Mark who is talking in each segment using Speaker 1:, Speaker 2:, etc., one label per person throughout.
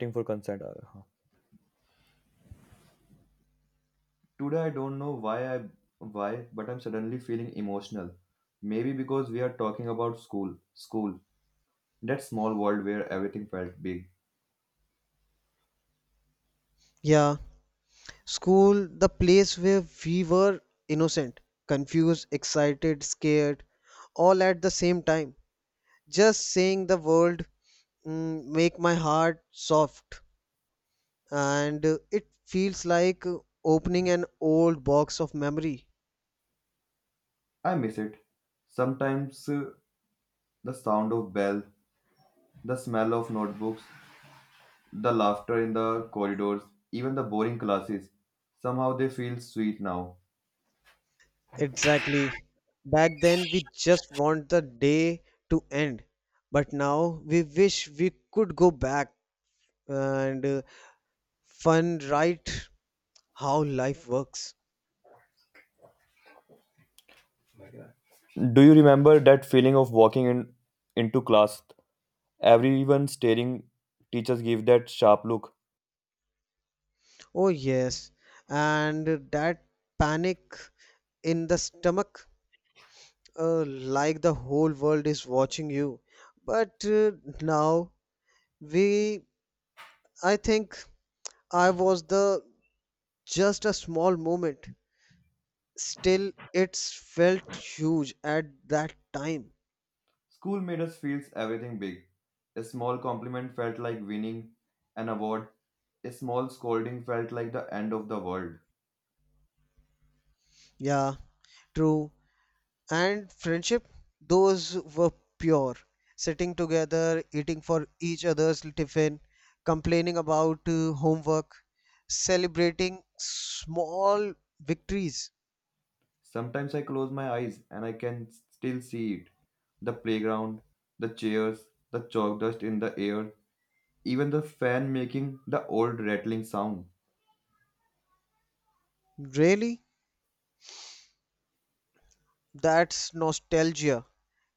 Speaker 1: Team for consent. Huh. Today I don't know why, but I'm suddenly feeling emotional. Maybe because we are talking about school, that small world where everything felt big.
Speaker 2: Yeah, school, the place where we were innocent, confused, excited, scared, all at the same time. Just saying the world make my heart soft, and it feels like opening an old box of memory.
Speaker 1: I miss it. Sometimes the sound of bell, the smell of notebooks, the laughter in the corridors, even the boring classes. Somehow they feel sweet now.
Speaker 2: Exactly. Back then, we just want the day to end, but now we wish we could go back and fun right how life works.
Speaker 1: Do you remember that feeling of walking in into class? Everyone staring. Teachers give that sharp look.
Speaker 2: Oh, yes. And that panic in the stomach, like the whole world is watching you. But now we, I think I was the just a small moment. Still, it's felt huge at that time.
Speaker 1: School made us feel everything big. A small compliment felt like winning an award. A small scolding felt like the end of the world.
Speaker 2: Yeah, true. And friendship those were pure sitting together eating for each other's tiffin complaining about homework celebrating small victories
Speaker 1: Sometimes I close my eyes and I can still see it. The playground, the chairs, the chalk dust in the air, even the fan making the old rattling sound.
Speaker 2: really that's nostalgia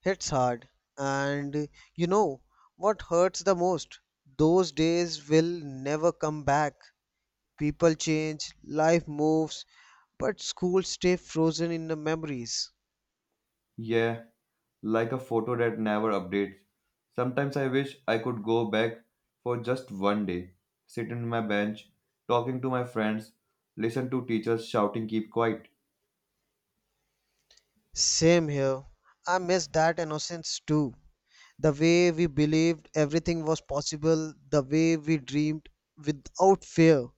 Speaker 2: hits hard and you know what hurts the most those days will never come back people change life moves but schools stay frozen in the memories.
Speaker 1: Yeah, like a photo that never updates. Sometimes I wish I could go back for just 1 day, sit in my bench, talking to my friends, listen to teachers shouting, keep quiet.
Speaker 2: Same here. I miss that innocence too. The way we believed everything was possible, the way we dreamed without fear.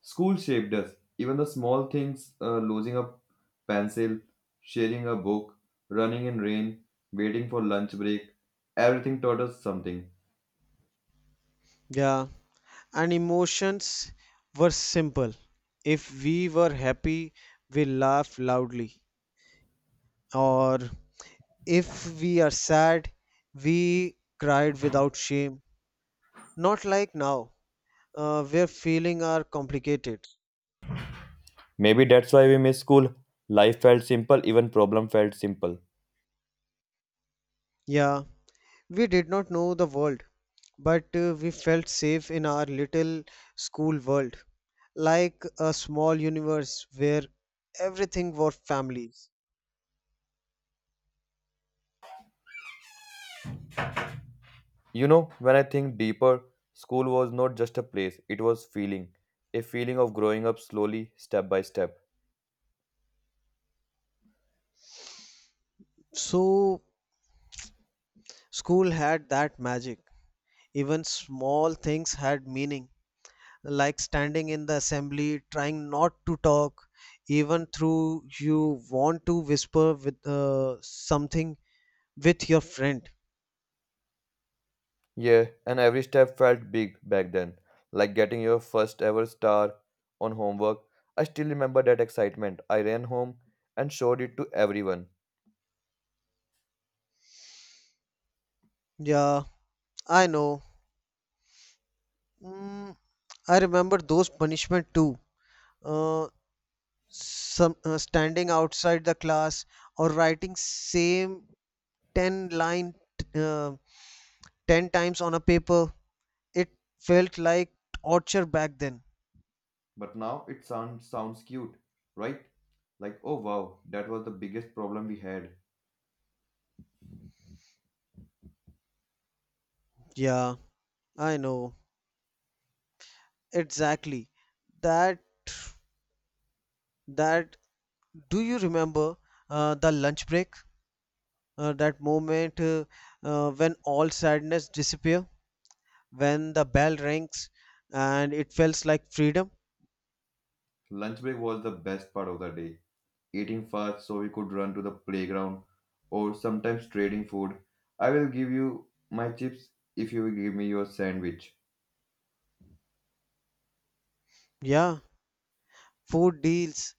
Speaker 1: School shaped us. Even the small things losing a pencil, sharing a book, running in rain, waiting for lunch break everything taught us something.
Speaker 2: Yeah, and emotions were simple. If we were happy, we laughed loudly. Or if we are sad, we cried without shame. Not like now, where feelings are complicated.
Speaker 1: Maybe that's why we miss school. Life felt simple, even problem felt simple.
Speaker 2: Yeah, we did not know the world, but we felt safe in our little school world, like a small universe where everything were families.
Speaker 1: You know, when I think deeper, school was not just a place, it was feeling. A feeling of growing up slowly, step by step.
Speaker 2: So, school had that magic. Even small things had meaning, like standing in the assembly, trying not to talk, even through you want to whisper with something with your friend.
Speaker 1: Yeah, and every step felt big back then, like getting your first ever star on homework. I still remember that excitement. I ran home and showed it to everyone.
Speaker 2: Yeah, I know. Mm, I remember those punishment too. Uh, some Standing outside the class or writing same 10 line uh, 10 times on a paper. It felt like torture back then.
Speaker 1: But now it sounds cute, right? Like, oh wow, that was the biggest problem we had.
Speaker 2: Yeah, I know. Exactly. That that do you remember the lunch break? That moment When all sadness disappear, when the bell rings and it feels like freedom.
Speaker 1: Lunch break was the best part of the day. Eating fast so we could run to the playground, or sometimes trading food. I will give you my chips if you will give me your sandwich.
Speaker 2: Yeah, food deals.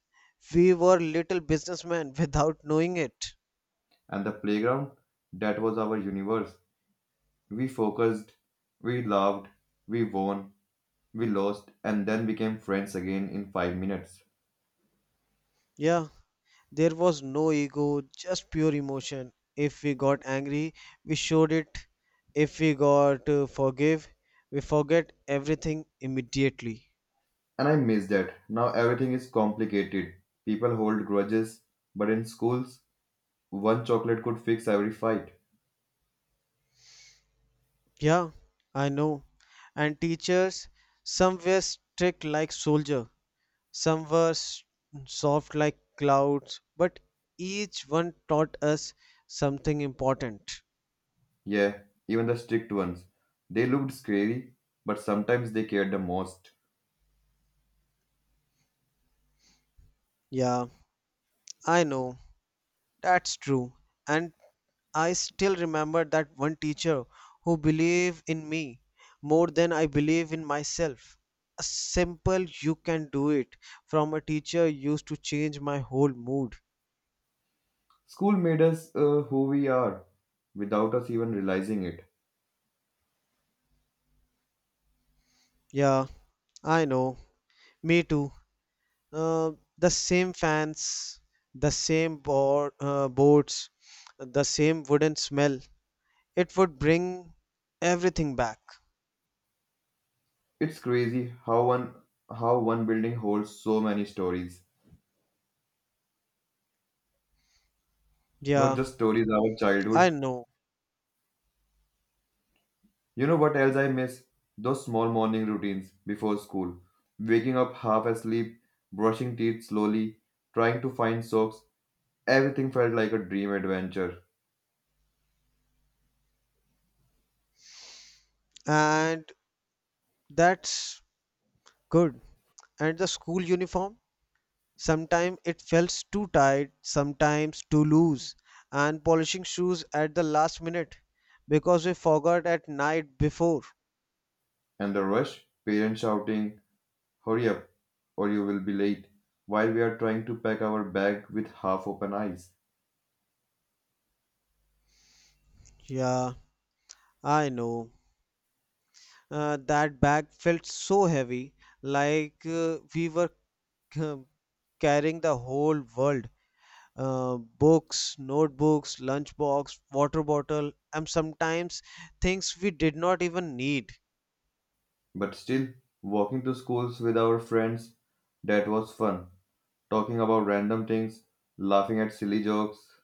Speaker 2: We were little businessmen without knowing it.
Speaker 1: And the playground, that was our universe. We focused, we loved, we won, we lost, and then became friends again in 5 minutes.
Speaker 2: Yeah, there was no ego, just pure emotion. If we got angry, we showed it. If we got forgive, we forget everything immediately.
Speaker 1: And I miss that. Now everything is complicated. People hold grudges, but in schools, one chocolate could fix every fight.
Speaker 2: Yeah, I know. And teachers, some were strict like soldier, some were soft like clouds, but each one taught us something important.
Speaker 1: Yeah, even the strict ones. They looked scary, but sometimes they cared the most.
Speaker 2: Yeah. I know, that's true. And I still remember that one teacher who believed in me more than I believe in myself. A simple you can do it from a teacher used to change my whole mood.
Speaker 1: School made us who we are without us even realizing it.
Speaker 2: Yeah, I know. Me too. Uh, the same fans, the same boards, the same wooden smell. It would bring everything back.
Speaker 1: It's crazy how one building holds so many stories. Not
Speaker 2: Yeah,
Speaker 1: just stories of our
Speaker 2: I
Speaker 1: childhood.
Speaker 2: know.
Speaker 1: You know what else I miss? Those small morning routines before school. Waking up half asleep, brushing teeth slowly, trying to find socks. Everything felt like a dream adventure.
Speaker 2: And that's good. And the school uniform? Sometimes it felt too tight, sometimes too loose, and polishing shoes at the last minute because we forgot at night before.
Speaker 1: And the rush, parents shouting, "Hurry up, or you will be late." While we are trying to pack our bag with half open eyes.
Speaker 2: Yeah, I know. That bag felt so heavy, like we were um, carrying the whole world. Books, notebooks, lunchbox, water bottle, and sometimes things we did not even need.
Speaker 1: But still, walking to schools with our friends, that was fun. Talking about random things, laughing at silly jokes.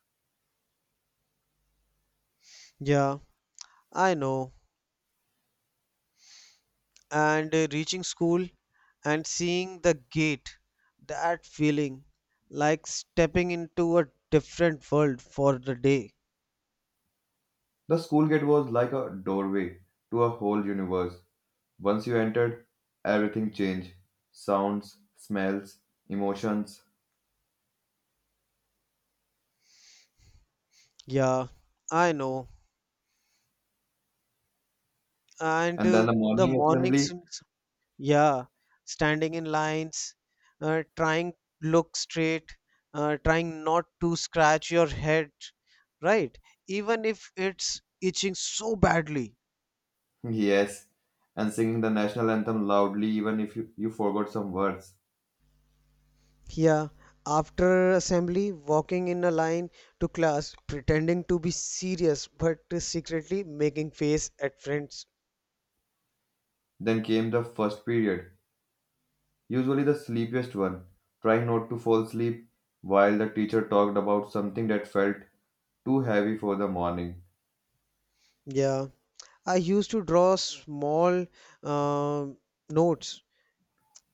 Speaker 2: Yeah, I know. And reaching school and seeing the gate that feeling like stepping into a different world for the day.
Speaker 1: The school gate was like a doorway to a whole universe. Once you entered, everything changed sounds, smells, emotions.
Speaker 2: Yeah, I know. And
Speaker 1: And then the
Speaker 2: the
Speaker 1: morning
Speaker 2: mornings
Speaker 1: assembly,
Speaker 2: and yeah standing in lines trying look straight, trying not to scratch your head, right, even if it's itching so badly.
Speaker 1: yes, and singing the national anthem loudly, even if you forgot some words.
Speaker 2: Yeah, after assembly, walking in a line to class, pretending to be serious but secretly making face at friends.
Speaker 1: Then came the first period, usually the sleepiest one, trying not to fall asleep while the teacher talked about something that felt too heavy for the morning.
Speaker 2: Yeah, I used to draw small um notes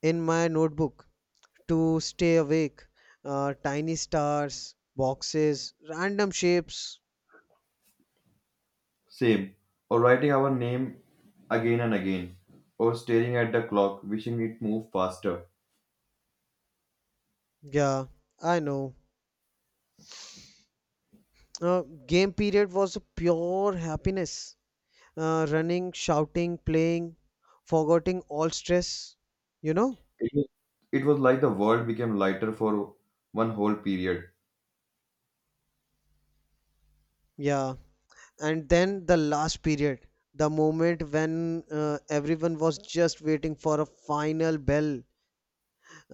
Speaker 2: in my notebook to stay awake. Tiny stars, boxes, random shapes.
Speaker 1: Same, or writing our name again and again, or staring at the clock, wishing it moved faster.
Speaker 2: Yeah, I know. Game period was a pure happiness, running, shouting, playing, forgetting all stress, you know?
Speaker 1: It was, it was like the world became lighter for one whole period.
Speaker 2: Yeah. And then the last period, the moment when everyone was just waiting for a final bell,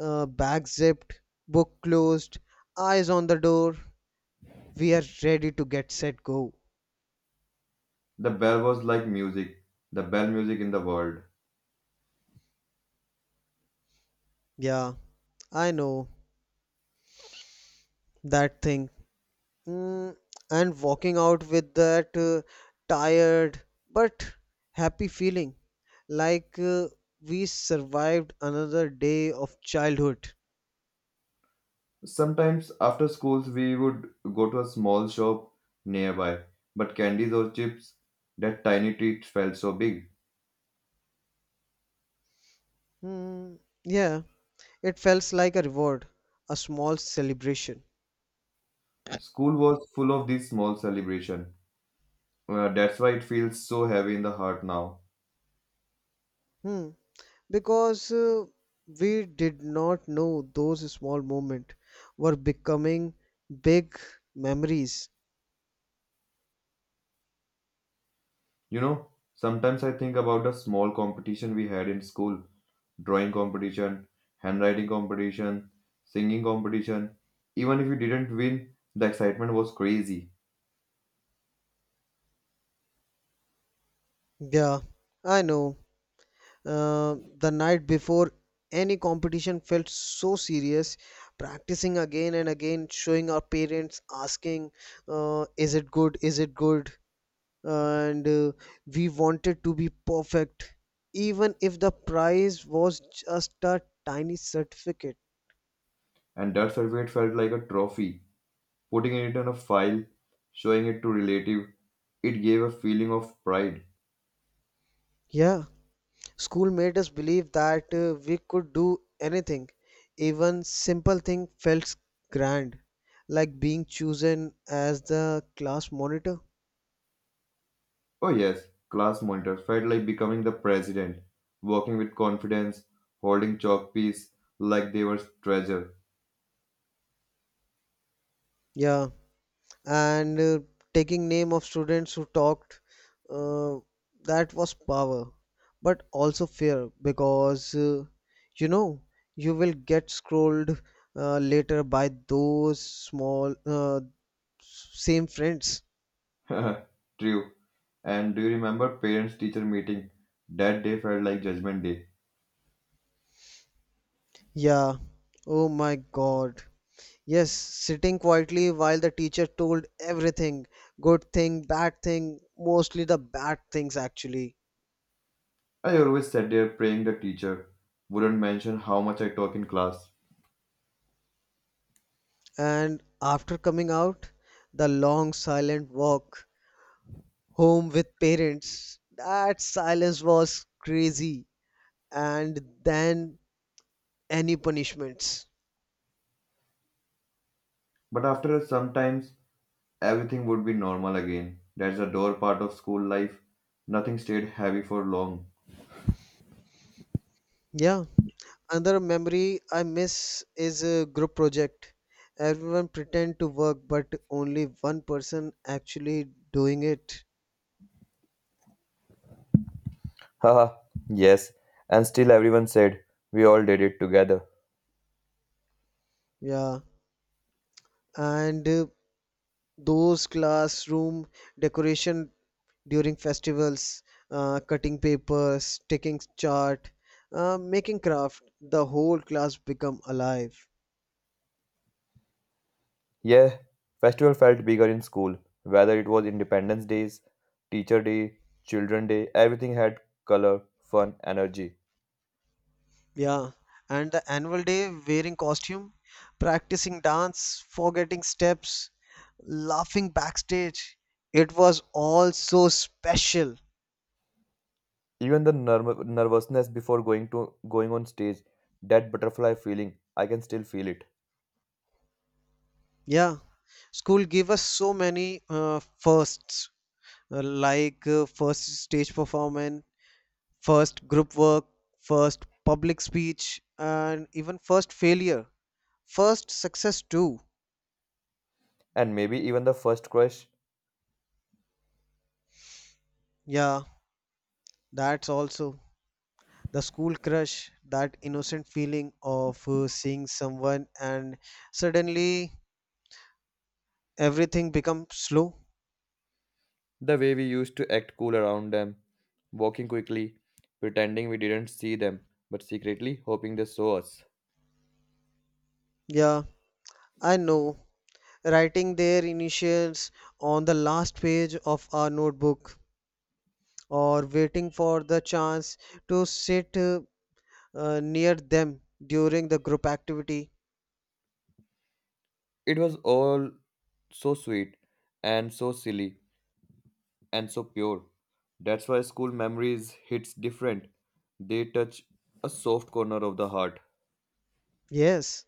Speaker 2: bag zipped, book closed, eyes on the door. We are ready to get set go.
Speaker 1: The bell was like music, the bell music in the world.
Speaker 2: Yeah, I know that thing. Mm, and walking out with that tired but happy feeling, like we survived another day of childhood.
Speaker 1: Sometimes after schools, we would go to a small shop nearby, but candies or chips, that tiny treat felt so big.
Speaker 2: Hmm. Yeah, it felt like a reward, a small celebration.
Speaker 1: School was full of these small celebration. That's why it feels so heavy in the heart now.
Speaker 2: Hmm. Because we did not know those small moments were becoming big memories.
Speaker 1: You know, sometimes I think about the small competition we had in school drawing competition, handwriting competition, singing competition. Even if you didn't win, the excitement was crazy,
Speaker 2: Yeah, I know. The night before any competition felt so serious practicing again and again showing our parents asking is it good and we wanted to be perfect even if the prize was just a tiny certificate.
Speaker 1: and that certificate felt like a trophy. Putting it on a file, showing it to relative, it gave a feeling of pride.
Speaker 2: Yeah, school made us believe that we could do anything. Even simple thing felt grand, like being chosen as the class monitor.
Speaker 1: Oh yes, class monitor felt like becoming the president, walking with confidence, holding chalk piece like they were treasure.
Speaker 2: Yeah, and taking name of students who talked, uh, that was power, but also fear because you know you will get scrolled later by those small same friends.
Speaker 1: True. And do you remember parents teacher meeting? That day felt like judgment day.
Speaker 2: Yeah. Oh my God. Yes, sitting quietly while the teacher told everything, good thing, bad thing, mostly the bad things actually.
Speaker 1: I always sat there praying the teacher wouldn't mention how much I talk in class.
Speaker 2: And after coming out, the long silent walk home with parents, that silence was crazy. And then any punishments.
Speaker 1: But after sometimes everything would be normal again. That's the door part of school life. Nothing stayed heavy for long.
Speaker 2: Yeah. Another memory I miss is a group project. Everyone pretend to work, but only one person actually doing it.
Speaker 1: Haha, yes. And still everyone said, "We all did it together."
Speaker 2: Yeah. And those classroom decoration during festivals, cutting papers, taking chart, making craft, the whole class become alive.
Speaker 1: Yeah, festival felt bigger in school. Whether it was Independence Days, Teacher Day, Children Day, everything had color, fun, energy.
Speaker 2: Yeah, and the annual day wearing costume, practicing dance, forgetting steps, laughing backstage. It was all so special.
Speaker 1: Even the nervousness before going on stage, that butterfly feeling, I can still feel it.
Speaker 2: Yeah, school gave us so many first stage performance, first group work, first public speech, and even first failure, first success too.
Speaker 1: And maybe even the first crush,
Speaker 2: Yeah, that's also the school crush, that innocent feeling of seeing someone and suddenly everything becomes slow.
Speaker 1: the way we used to act cool around them, walking quickly, pretending we didn't see them, but secretly hoping they saw us.
Speaker 2: Yeah, I know. Writing their initials on the last page of our notebook or waiting for the chance to sit near them during the group activity.
Speaker 1: It was all so sweet and so silly and so pure. That's why school memories hits different. They touch a soft corner of the heart.
Speaker 2: Yes,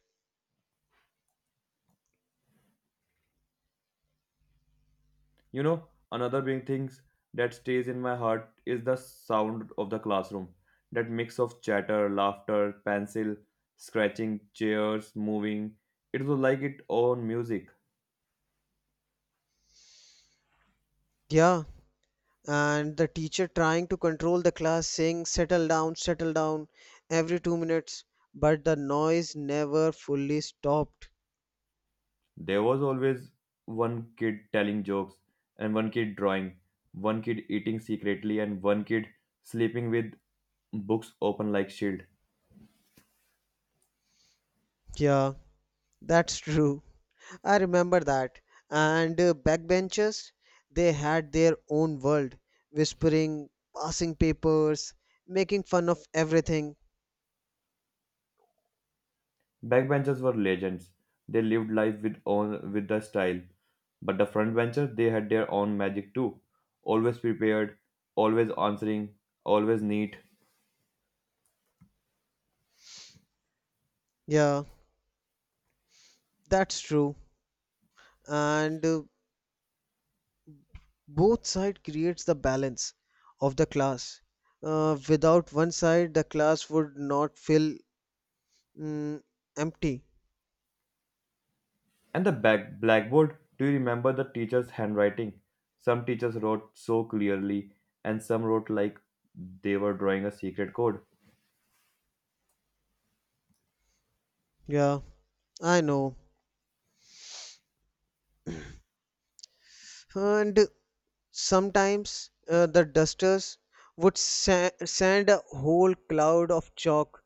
Speaker 1: You know, another big thing that stays in my heart is the sound of the classroom. That mix of chatter, laughter, pencil, scratching, chairs, moving. It was like its own music.
Speaker 2: yeah, and the teacher trying to control the class saying, settle down, every 2 minutes, but the noise never fully stopped.
Speaker 1: There was always one kid telling jokes, and one kid drawing, one kid eating secretly, and one kid sleeping with books open like shield.
Speaker 2: Yeah, that's true. I remember that. And backbenchers, they had their own world, whispering, passing papers, making fun of everything.
Speaker 1: Backbenchers were legends. They lived life with own with the style. But the frontbenchers they had their own magic too. Always prepared, always answering, always neat.
Speaker 2: Yeah, that's true. And both side creates the balance of the class, without one side the class would not feel mm, empty.
Speaker 1: And the back blackboard, do you remember the teacher's handwriting? Some teachers wrote so clearly, and some wrote like they were drawing a secret code.
Speaker 2: Yeah, I know. And sometimes the dusters would send a whole cloud of chalk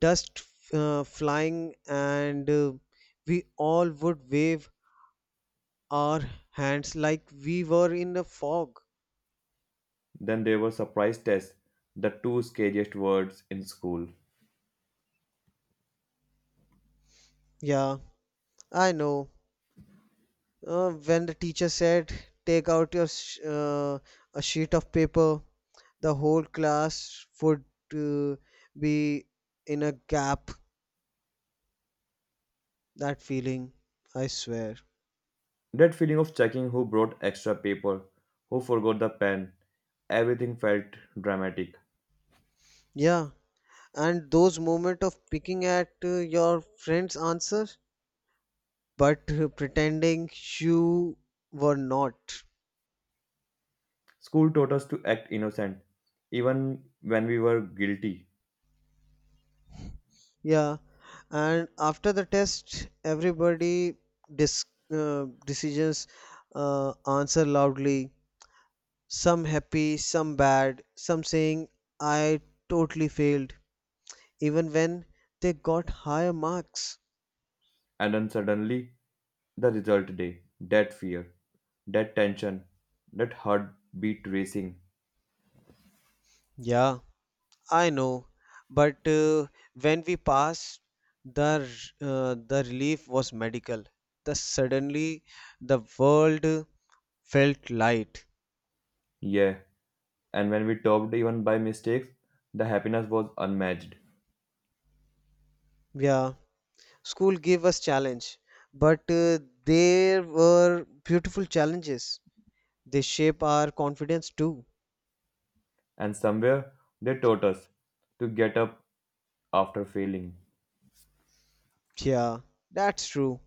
Speaker 2: dust flying and we all would wave our hands like we were in a fog.
Speaker 1: Then there were surprise tests, the two scariest words in school.
Speaker 2: Yeah, I know. When the teacher said, "Take out your a sheet of paper," the whole class would uh, be in a gap. That feeling, I swear.
Speaker 1: That feeling of checking who brought extra paper, who forgot the pen, everything felt dramatic.
Speaker 2: Yeah, and those moment of picking at your friend's answer, but pretending you were not.
Speaker 1: School taught us to act innocent, even when we were guilty.
Speaker 2: Yeah, and after the test, everybody dis- decisions answer loudly, some happy, some bad, some saying, I totally failed, even when they got higher marks.
Speaker 1: And then suddenly, the result day, that fear, that tension, that heartbeat racing.
Speaker 2: Yeah, I know, but when we passed, the the relief was medical. The suddenly the world felt light.
Speaker 1: Yeah, and when we topped even by mistakes, the happiness was unmatched.
Speaker 2: Yeah, school gave us challenge, but there were beautiful challenges. They shape our confidence too.
Speaker 1: And somewhere, they taught us to get up after failing.
Speaker 2: Yeah, that's true.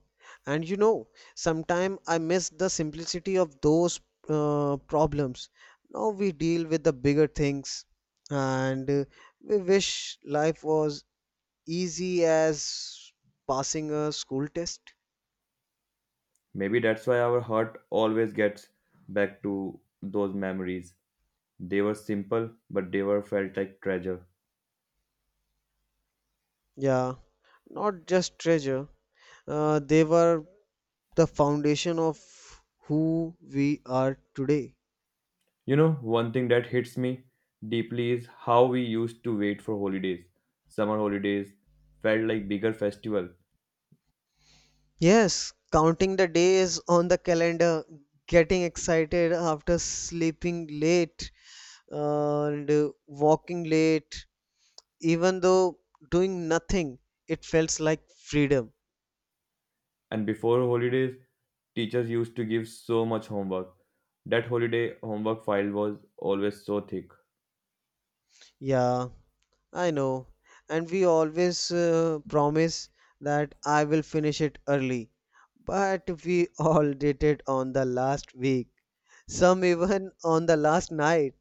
Speaker 2: And you know, sometimes I miss the simplicity of those problems. Now we deal with the bigger things and we wish life was easy as passing a school test.
Speaker 1: Maybe that's why our heart always gets back to those memories. They were simple, but they were felt like treasure.
Speaker 2: Yeah, not just treasure. They were the foundation of who we are today.
Speaker 1: You know, one thing that hits me deeply is how we used to wait for holidays. Summer holidays felt like bigger festival,
Speaker 2: Yes, counting the days on the calendar, getting excited after sleeping late and walking late, even though doing nothing, it felt like freedom.
Speaker 1: and before holidays, teachers used to give so much homework. That holiday homework file was always so thick.
Speaker 2: Yeah, I know. And we always promise that I will finish it early. But we all did it on the last week, some even on the last night.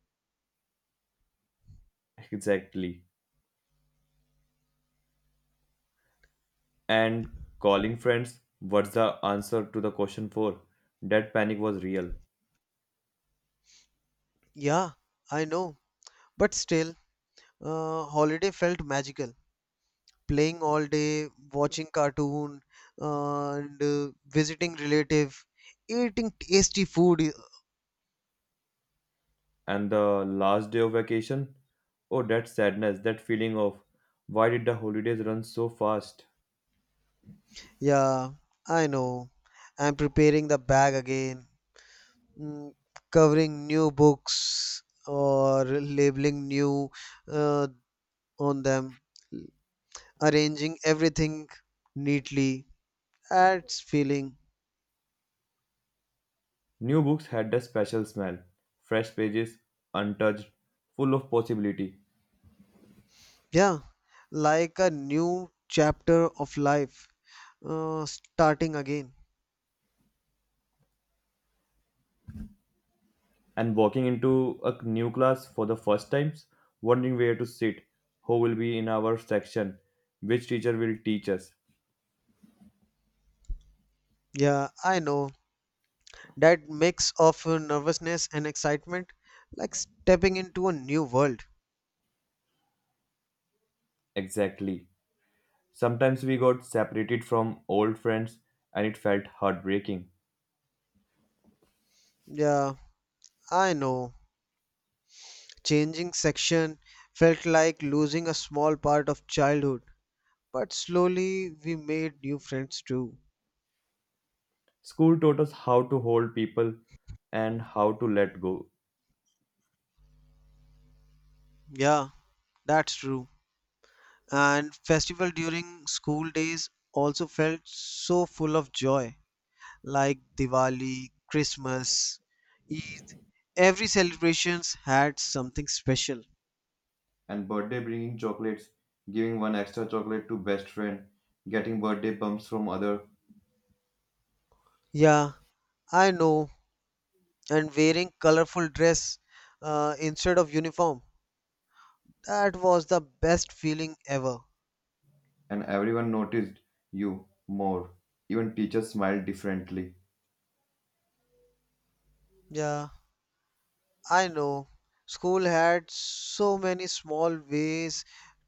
Speaker 1: Exactly. And calling friends, what's the answer to the question for? That panic was real.
Speaker 2: Yeah, I know. But still, holiday felt magical. Playing all day, watching cartoon, and visiting relative, eating tasty food.
Speaker 1: And the last day of vacation, oh, that sadness, that feeling of why did the holidays run so fast.
Speaker 2: Yeah, I know. I'm preparing the bag again, mm, covering new books or labeling new uh, on them, arranging everything neatly. That's feeling.
Speaker 1: New books had a special smell, fresh pages, untouched, full of possibility.
Speaker 2: Yeah, like a new chapter of life starting again.
Speaker 1: And walking into a new class for the first times, wondering where to sit, who will be in our section, which teacher will teach us.
Speaker 2: Yeah, I know. That mix of nervousness and excitement, like stepping into a new world.
Speaker 1: Exactly, sometimes we got separated from old friends and it felt heartbreaking.
Speaker 2: Yeah, I know. Changing section felt like losing a small part of childhood, but slowly we made new friends too.
Speaker 1: School taught us how to hold people and how to let go.
Speaker 2: Yeah, that's true. And festival during school days also felt so full of joy, like Diwali, Christmas, Eid. Every celebrations had something special.
Speaker 1: And birthday bringing chocolates, giving one extra chocolate to best friend, getting birthday bumps from other,
Speaker 2: Yeah, I know. And wearing colorful dress instead of uniform, that was the best feeling ever.
Speaker 1: and everyone noticed you more. Even teachers smiled differently.
Speaker 2: Yeah, I know. School had so many small ways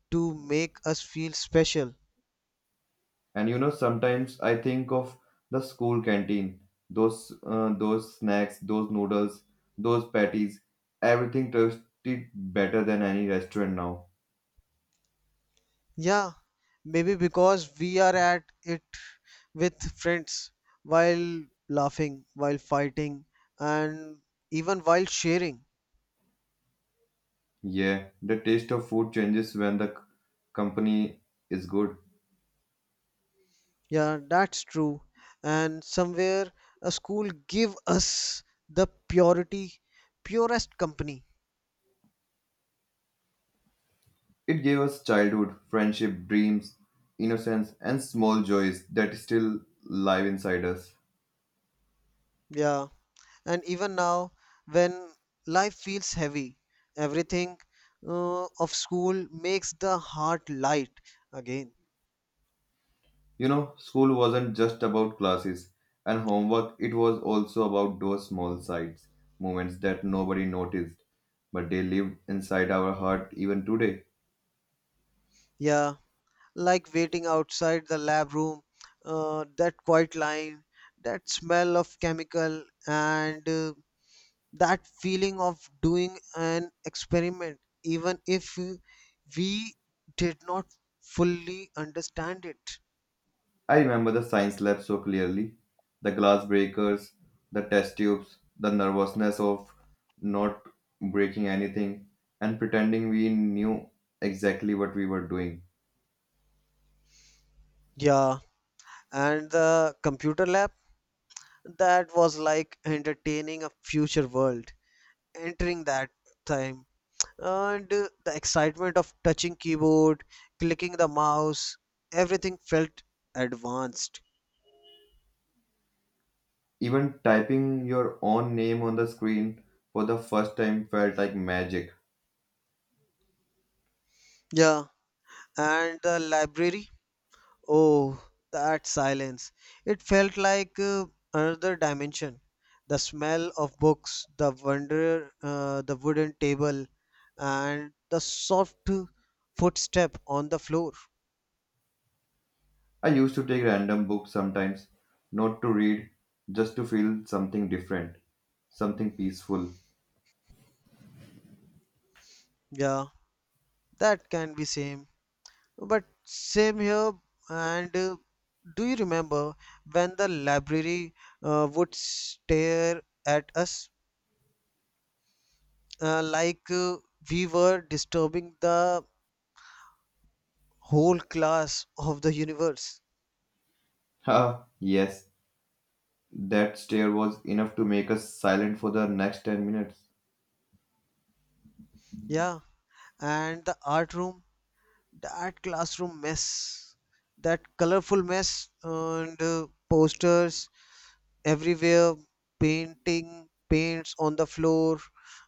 Speaker 2: to make us feel special.
Speaker 1: And you know, sometimes I think of the school canteen, those snacks, those noodles, those patties, everything tasted better than any restaurant now.
Speaker 2: Yeah, maybe because we are at it with friends while laughing, while fighting, and even while sharing.
Speaker 1: Yeah, the taste of food changes when the company is good.
Speaker 2: Yeah, that's true. And somewhere a school give us the purity, purest company.
Speaker 1: It gave us childhood, friendship, dreams, innocence, and small joys that still live inside us.
Speaker 2: Yeah, and even now when life feels heavy, everything of school makes the heart light again.
Speaker 1: You know, school wasn't just about classes and homework, it was also about those small sides, moments that nobody noticed, but they live inside our heart even today.
Speaker 2: Yeah, like waiting outside the lab room, that quiet line, that smell of chemical, and that feeling of doing an experiment, even if we did not fully understand it.
Speaker 1: I remember the science lab so clearly, the glass breakers, the test tubes, the nervousness of not breaking anything and pretending we knew exactly what we were doing.
Speaker 2: Yeah, and the computer lab, that was like entertaining a future world. Entering that time and the excitement of touching keyboard, clicking the mouse, everything felt advanced.
Speaker 1: Even typing your own name on the screen for the first time felt like magic.
Speaker 2: Yeah, and the library, oh, that silence, it felt like another dimension, the smell of books, the wonder, the wooden table and the soft footstep on the floor.
Speaker 1: I used to take random books sometimes, not to read, just to feel something different, something peaceful.
Speaker 2: Yeah, that can be same But same here. And do you remember when the library would stare at us like we were disturbing the whole class of the universe?
Speaker 1: Ah, yes, that stare was enough to make us silent for the next 10 minutes.
Speaker 2: Yeah. And the art room, that classroom mess, that colorful mess, and posters everywhere, painting paints on the floor,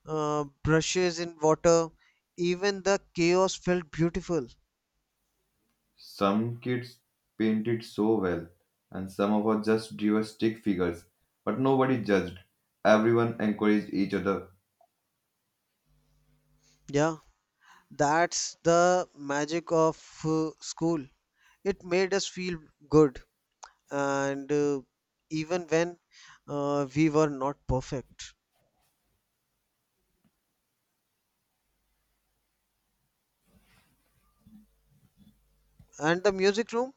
Speaker 2: brushes in water. Even the chaos felt beautiful.
Speaker 1: Some kids painted so well, and some of us just drew stick figures. But nobody judged. Everyone encouraged each other.
Speaker 2: Yeah, that's the magic of school. It made us feel good, and even when we were not perfect. And the music room